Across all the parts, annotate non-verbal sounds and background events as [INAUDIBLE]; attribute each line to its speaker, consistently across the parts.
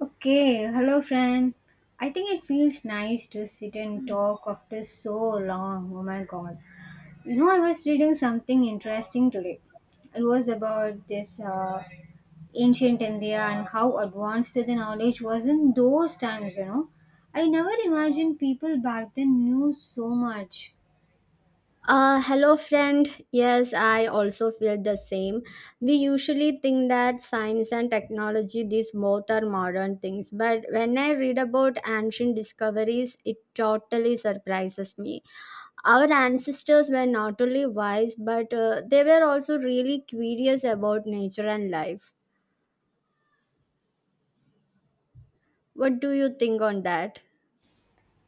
Speaker 1: Okay, hello friend. I think it feels nice to sit and talk after so long. Oh my god. You know, I was reading something interesting today. It was about this ancient India and how advanced the knowledge was in those times, you know. I never imagined people back then knew so much.
Speaker 2: Hello, friend. Yes, I also feel the same. We usually think that science and technology, these both are modern things, but when I read about ancient discoveries, it totally surprises me. Our ancestors were not only wise, but they were also really curious about nature and life. What do you think on that?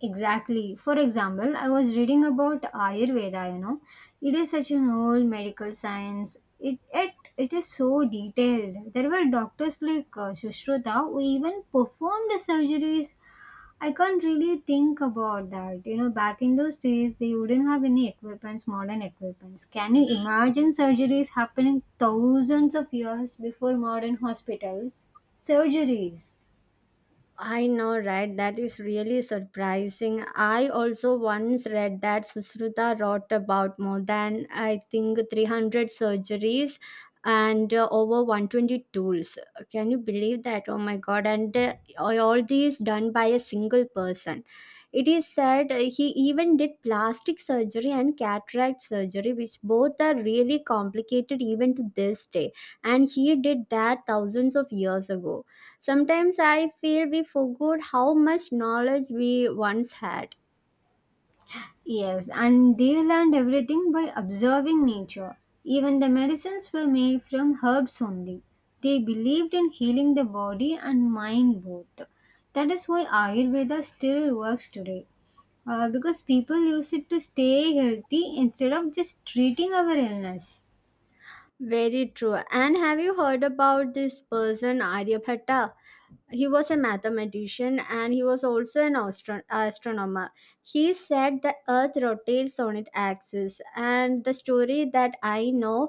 Speaker 1: Exactly. For example, I was reading about Ayurveda, you know. It is such an old medical science. It is so detailed. There were doctors like Sushruta who even performed surgeries. I can't really think about that. You know, back in those days, they wouldn't have any equipments, modern equipments. Can you imagine surgeries happening thousands of years before modern hospitals? Surgeries.
Speaker 2: I know, right? That is really surprising. I also once read that Sushruta wrote about more than, I think, 300 surgeries and over 120 tools. Can you believe that? Oh my God. And all these done by a single person. It is said he even did plastic surgery and cataract surgery, which both are really complicated even to this day. And he did that thousands of years ago. Sometimes I feel we forgot how much knowledge we once had.
Speaker 1: Yes, and they learned everything by observing nature. Even the medicines were made from herbs only. They believed in healing the body and mind both. That is why Ayurveda still works today. Because people use it to stay healthy instead of just treating our illness.
Speaker 2: Very true. And have you heard about this person, Aryabhatta? He was a mathematician and he was also an astronomer. He said the earth rotates on its axis, and the story that I know.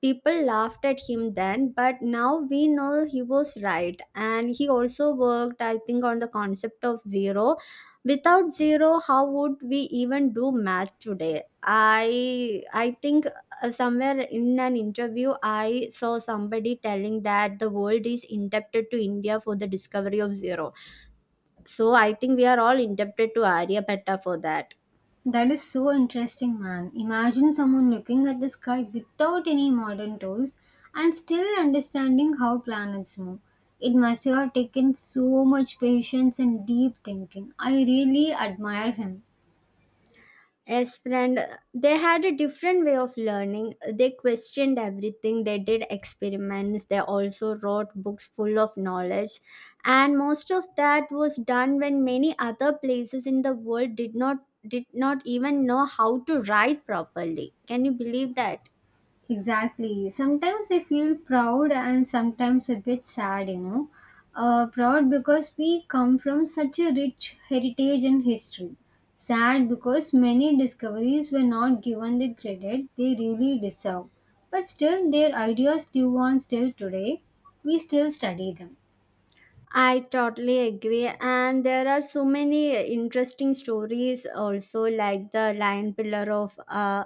Speaker 2: People laughed at him then, but now we know he was right. And he also worked, I think, on the concept of zero. Without zero, how would we even do math today? I think somewhere in an interview, I saw somebody telling that the world is indebted to India for the discovery of zero. So I think we are all indebted to Aryabhatta for that.
Speaker 1: That is so interesting, man. Imagine someone looking at the sky without any modern tools and still understanding how planets move. It must have taken so much patience and deep thinking. I really admire him.
Speaker 2: Yes, friend, they had a different way of learning. They questioned everything. They did experiments. They also wrote books full of knowledge. And most of that was done when many other places in the world did not even know how to write properly. Can you believe that?
Speaker 1: Exactly. Sometimes I feel proud and sometimes a bit sad, you know. Proud because we come from such a rich heritage and history. Sad because many discoveries were not given the credit they really deserve. But still, their ideas live on still today. We still study them.
Speaker 2: I totally agree. And there are so many interesting stories also, like the Lion Pillar of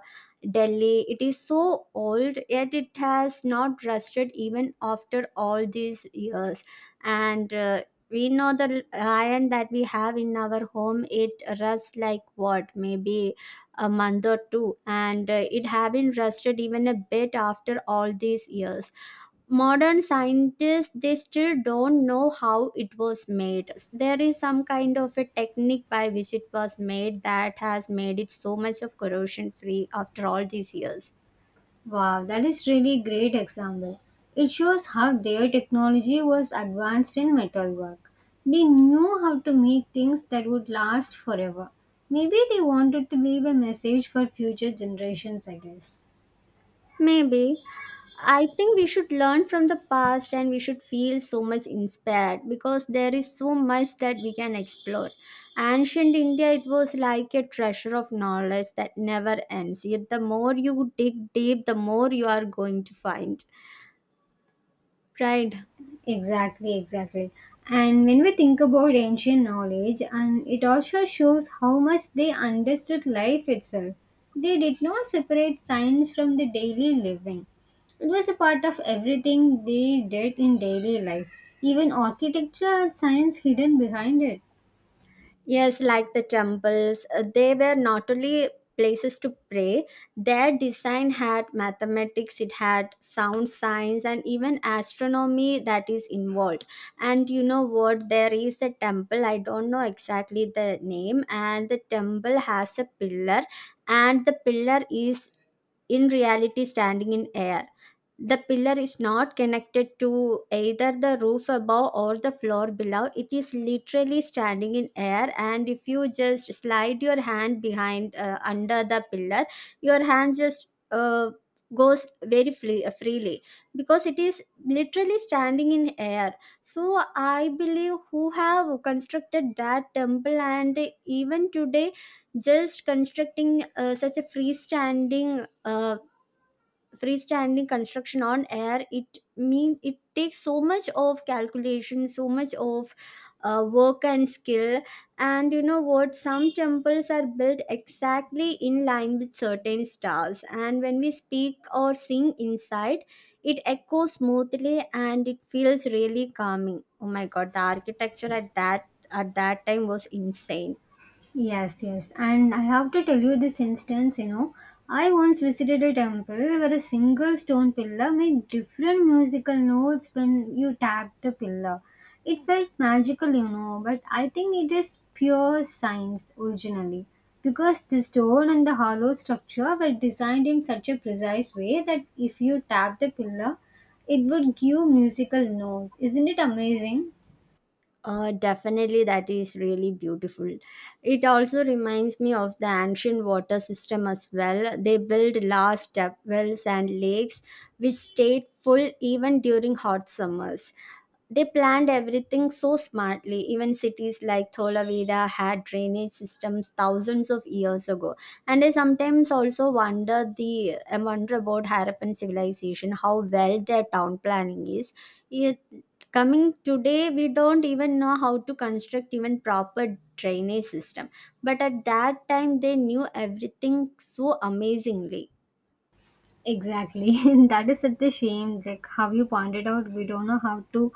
Speaker 2: Delhi. It is so old, yet it has not rusted even after all these years. And we know the lion that we have in our home, it rusts like what, maybe a month or two. And it haven't rusted even a bit after all these years. Modern scientists, they still don't know how it was made. There is some kind of a technique by which it was made that has made it so much of corrosion free after all these years.
Speaker 1: Wow, that is really great example. It shows how their technology was advanced in metalwork. They knew how to make things that would last forever. Maybe they wanted to leave a message for future generations, I guess.
Speaker 2: Maybe I think we should learn from the past and we should feel so much inspired because there is so much that we can explore. Ancient India, it was like a treasure of knowledge that never ends. Yet the more you dig deep, the more you are going to find. Right?
Speaker 1: Exactly, exactly. And when we think about ancient knowledge, and it also shows how much they understood life itself. They did not separate science from the daily living. It was a part of everything they did in daily life. Even architecture had science hidden behind it.
Speaker 2: Yes, like the temples, they were not only places to pray, their design had mathematics, it had sound science, and even astronomy that is involved. And you know what? There is a temple, I don't know exactly the name, and the temple has a pillar, and the pillar is in reality standing in air. The pillar is not connected to either the roof above or the floor below. It is literally standing in air, and if you just slide your hand behind under the pillar, your hand just goes very freely because it is literally standing in air. So I believe who have constructed that temple, and even today, just constructing such a freestanding. Freestanding construction on air, it mean it takes so much of calculation, so much of work and skill. And you know what, some temples are built exactly in line with certain stars, and when we speak or sing inside, it echoes smoothly and it feels really calming. Oh my god, the architecture at that time was insane.
Speaker 1: Yes, yes. And I have to tell you this instance, you know, I once visited a temple where a single stone pillar made different musical notes when you tapped the pillar. It felt magical, you know, but I think it is pure science originally because the stone and the hollow structure were designed in such a precise way that if you tap the pillar, it would give musical notes. Isn't it amazing?
Speaker 2: Definitely, that is really beautiful. It also reminds me of the ancient water system as well. They built large step wells and lakes which stayed full even during hot summers. They planned everything so smartly. Even cities like Tholavira had drainage systems thousands of years ago. And I sometimes also wonder the I wonder about Harappan civilization, how well their town planning is. It, coming today, we don't even know how to construct even proper drainage system. But at that time, they knew everything so amazingly.
Speaker 1: Exactly. [LAUGHS] That is such a shame. Like how you pointed out, we don't know how to,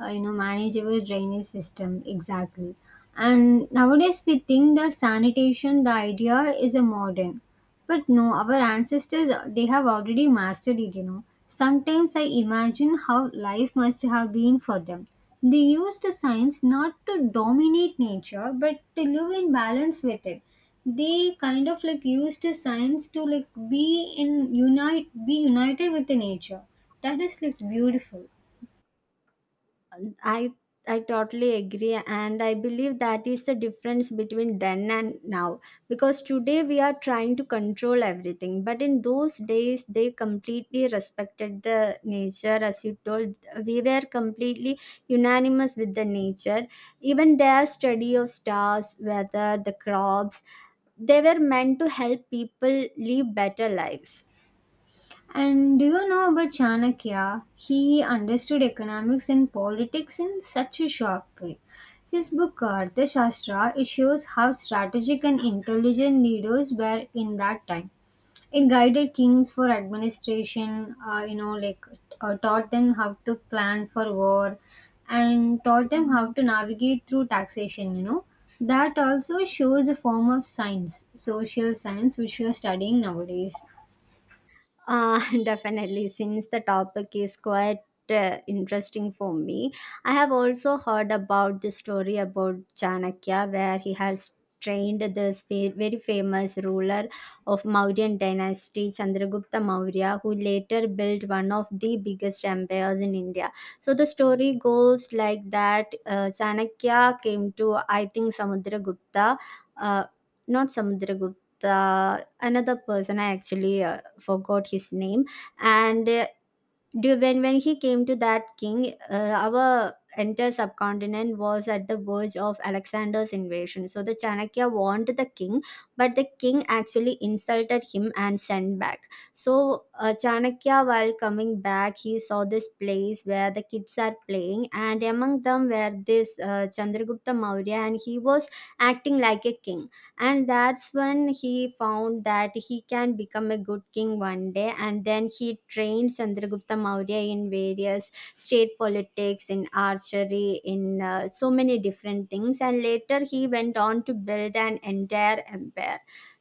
Speaker 1: you know, manage our drainage system exactly. And nowadays, we think that sanitation, the idea is a modern. But no, our ancestors, they have already mastered it, you know. Sometimes I imagine how life must have been for them. They used the science not to dominate nature, but to live in balance with it. They kind of like used the science to like be in unite, be united with the nature. That is like beautiful.
Speaker 2: I I totally agree, and I believe that is the difference between then and now, because today we are trying to control everything, but in those days they completely respected the nature. As you told, we were completely unanimous with the nature. Even their study of stars, weather, the crops, they were meant to help people live better lives.
Speaker 1: And do you know about Chanakya? He understood economics and politics in such a sharp way. His book Arthashastra it shows how strategic and intelligent leaders were in that time. It guided kings for administration, you know, like taught them how to plan for war, and taught them how to navigate through taxation. You know, that also shows a form of science, social science, which we are studying nowadays.
Speaker 2: [LAUGHS] Definitely, since the topic is quite interesting for me, I have also heard about the story about Chanakya, where he has trained this very famous ruler of Mauryan dynasty, Chandragupta Maurya, who later built one of the biggest empires in India. So the story goes like that: Chanakya came to, I think, Samudragupta, uh, not Samudragupta. Another person, I actually forgot his name, and do, when he came to that king, our entire subcontinent was at the verge of Alexander's invasion. So the Chanakya warned the king, but the king actually insulted him and sent back. So Chanakya, while coming back, he saw this place where the kids are playing, and among them were this Chandragupta Maurya, and he was acting like a king. And that's when he found that he can become a good king one day, and then he trained Chandragupta Maurya in various state politics, in archery, in so many different things, and later he went on to build an entire empire.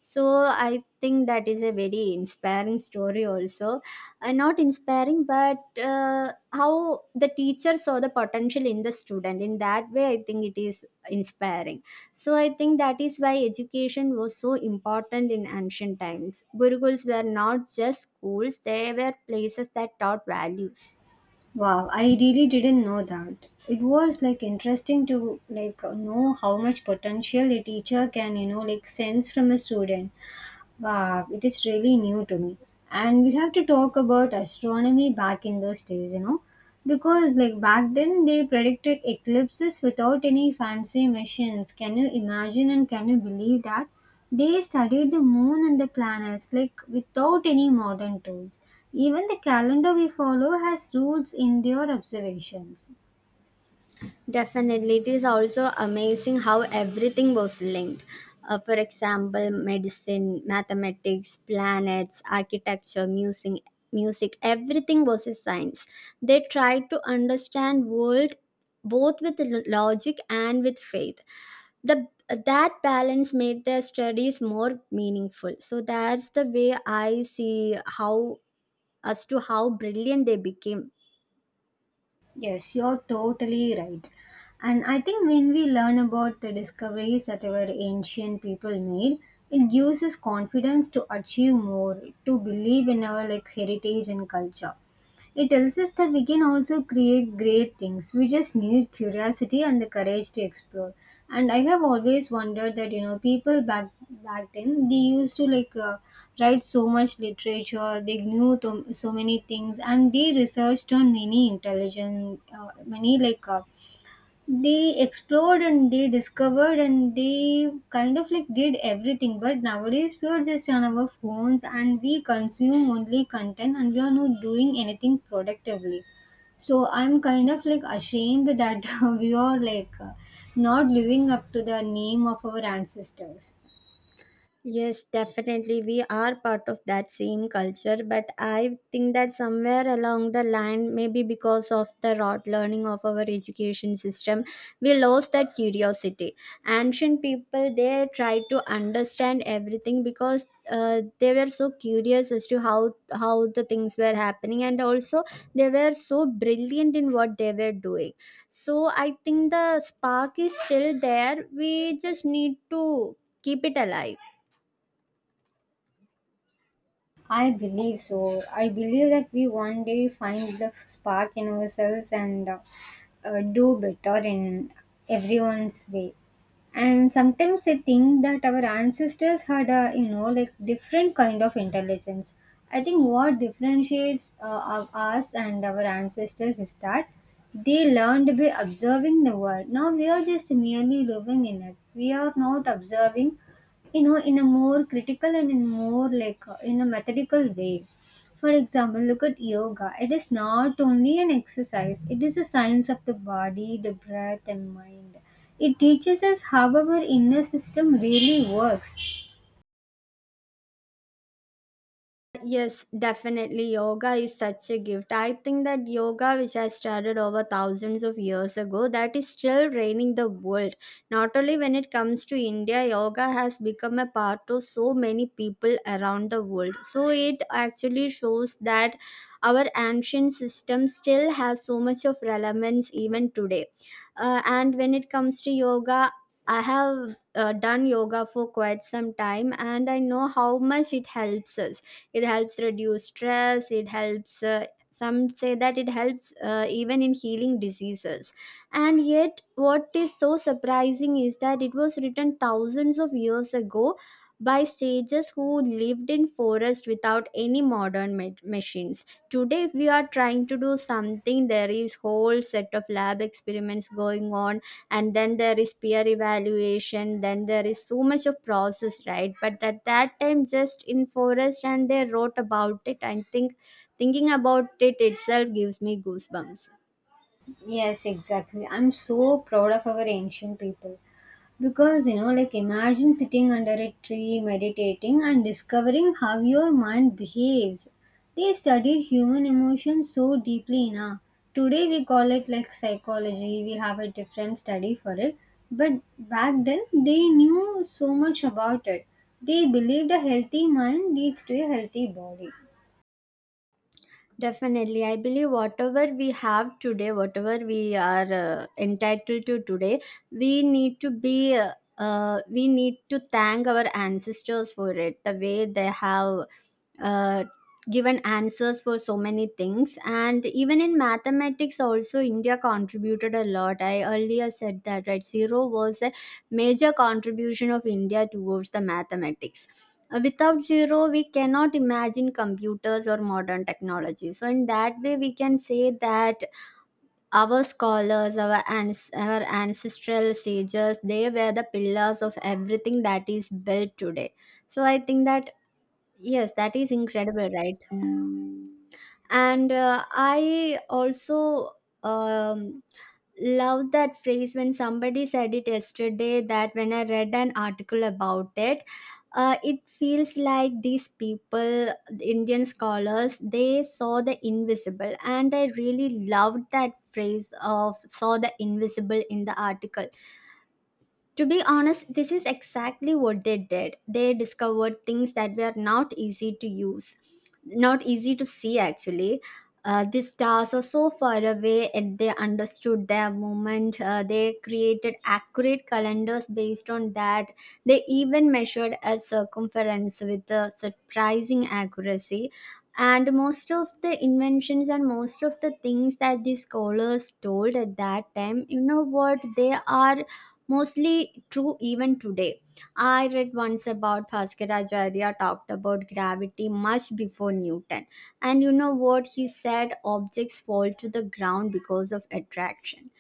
Speaker 2: So I think that is a very inspiring story also. Not inspiring, but how the teacher saw the potential in the student, in that way I think it is inspiring. So I think that is why education was so important in ancient times. Gurukuls were not just schools, they were places that taught values.
Speaker 1: Wow, I really didn't know that. It was like interesting to like know how much potential a teacher can, you know, like sense from a student. Wow, it is really new to me. And we have to talk about astronomy back in those days, you know, because like back then they predicted eclipses without any fancy machines. Can you imagine and can you believe that? They studied the moon and the planets like without any modern tools. Even the calendar we follow has roots in their observations.
Speaker 2: Definitely, it is also amazing how everything was linked. For example, medicine, mathematics, planets, architecture, music, everything was a science. They tried to understand world both with logic and with faith. The that balance made their studies more meaningful, so that's the way I see how, as to how brilliant they became.
Speaker 1: Yes, you're totally right. And I think when we learn about the discoveries that our ancient people made, it gives us confidence to achieve more, to believe in our like heritage and culture. It tells us that we can also create great things. We just need curiosity and the courage to explore. And I have always wondered that you know people back then they used to write so much literature. They knew to, so many things, and they researched on many intelligent, many like they explored and they discovered and they kind of like did everything but nowadays we are just on our phones and we consume only content and we are not doing anything productively, so I'm kind of like ashamed that [LAUGHS] we are like not living up to the name of our ancestors.
Speaker 2: Yes, definitely. We are part of that same culture, but I think that somewhere along the line, maybe because of the rote learning of our education system, we lost that curiosity. Ancient people, they tried to understand everything because they were so curious as to how the things were happening, and also they were so brilliant in what they were doing. So I think the spark is still there. We just need to keep it alive.
Speaker 1: I believe so. I believe that we one day find the spark in ourselves and do better in everyone's way. And sometimes I think that our ancestors had a you know like different kind of intelligence. I think what differentiates of us and our ancestors is that they learned by observing the world. Now we are just merely living in it. We are not observing you know in a more critical and in more like in a methodical way. For example, look at yoga, it is not only an exercise, it is a science of the body, the breath and mind. It teaches us how our inner system really works.
Speaker 2: Yes, definitely. Yoga is such a gift. I think that yoga, which I started over thousands of years ago, that is still reigning the world. Not only when it comes to India, yoga has become a part of so many people around the world. So it actually shows that our ancient system still has so much of relevance even today. And when it comes to yoga, I have done yoga for quite some time, and I know how much it helps us. It helps reduce stress, it helps, some say that it helps even in healing diseases. And yet what is so surprising is that it was written thousands of years ago by sages who lived in forest without any modern machines. Today if we are trying to do something, there is whole set of lab experiments going on, and then there is peer evaluation, then there is so much of process, right? But at that time, just in forest, and they wrote about it. I think thinking about it itself gives me goosebumps.
Speaker 1: Yes, exactly. I'm so proud of our ancient people because you know, like imagine sitting under a tree meditating and discovering how your mind behaves. They studied human emotions so deeply now. Today we call it like psychology, we have a different study for it. But back then they knew so much about it. They believed a healthy mind leads to a healthy body.
Speaker 2: Definitely. I believe whatever we have today, whatever we are entitled to today, we need to be, we need to thank our ancestors for it, the way they have uh, given answers for so many things. And even in mathematics also, India contributed a lot. I earlier said that, right? Zero was a major contribution of India towards the mathematics. Without zero we cannot imagine computers or modern technology, so in that way we can say that our scholars, our, our ancestral sages, they were the pillars of everything that is built today. So I think that, yes, that is incredible, right? And I also um, love that phrase when somebody said it yesterday, that when I read an article about it, it feels like these people, the Indian scholars, they saw the invisible. And I really loved that phrase of saw the invisible in the article. To be honest, this is exactly what they did. They discovered things that were not easy to use, not easy to see actually. The stars are so far away and they understood their movement. They created accurate calendars based on that. They even measured a circumference with a surprising accuracy. And most of the inventions and most of the things that the scholars told at that time, you know what, they are mostly true even today. I read once about Bhaskaracharya talked about gravity much before Newton. And you know what he said? Objects fall to the ground because of attraction.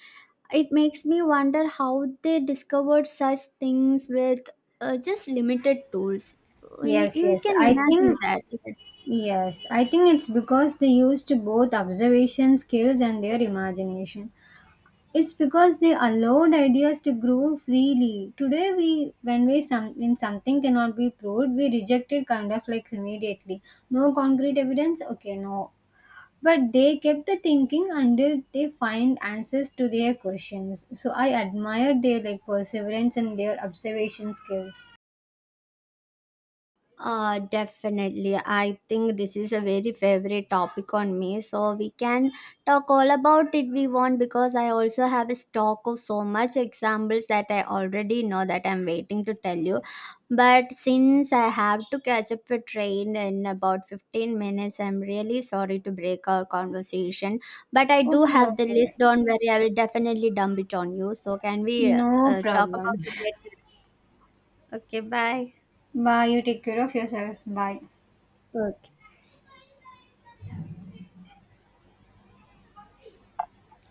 Speaker 2: It makes me wonder how they discovered such things with just limited tools. You,
Speaker 1: Yes,
Speaker 2: you
Speaker 1: yes.
Speaker 2: can
Speaker 1: I
Speaker 2: imagine
Speaker 1: think,
Speaker 2: that, right?
Speaker 1: yes, I think it's because they used both observation skills and their imagination. It's because they allowed ideas to grow freely. Today, we when we some when something cannot be proved, we reject it kind of like immediately. No concrete evidence. Okay, no. But they kept the thinking until they find answers to their questions. So I admire their like perseverance and their observation skills.
Speaker 2: Definitely. I think this is a very favorite topic on me. So we can talk all about it we want, because I also have a stock of so much examples that I already know that I'm waiting to tell you. But since I have to catch up a train in about 15 minutes, I'm really sorry to break our conversation. But I do
Speaker 1: Okay,
Speaker 2: have the
Speaker 1: okay.
Speaker 2: list. Don't worry. I will definitely dump it on you. So can we
Speaker 1: No
Speaker 2: talk
Speaker 1: problem.
Speaker 2: about it later? Okay. Bye.
Speaker 1: Bye. You take care of yourself. Bye.
Speaker 2: Okay.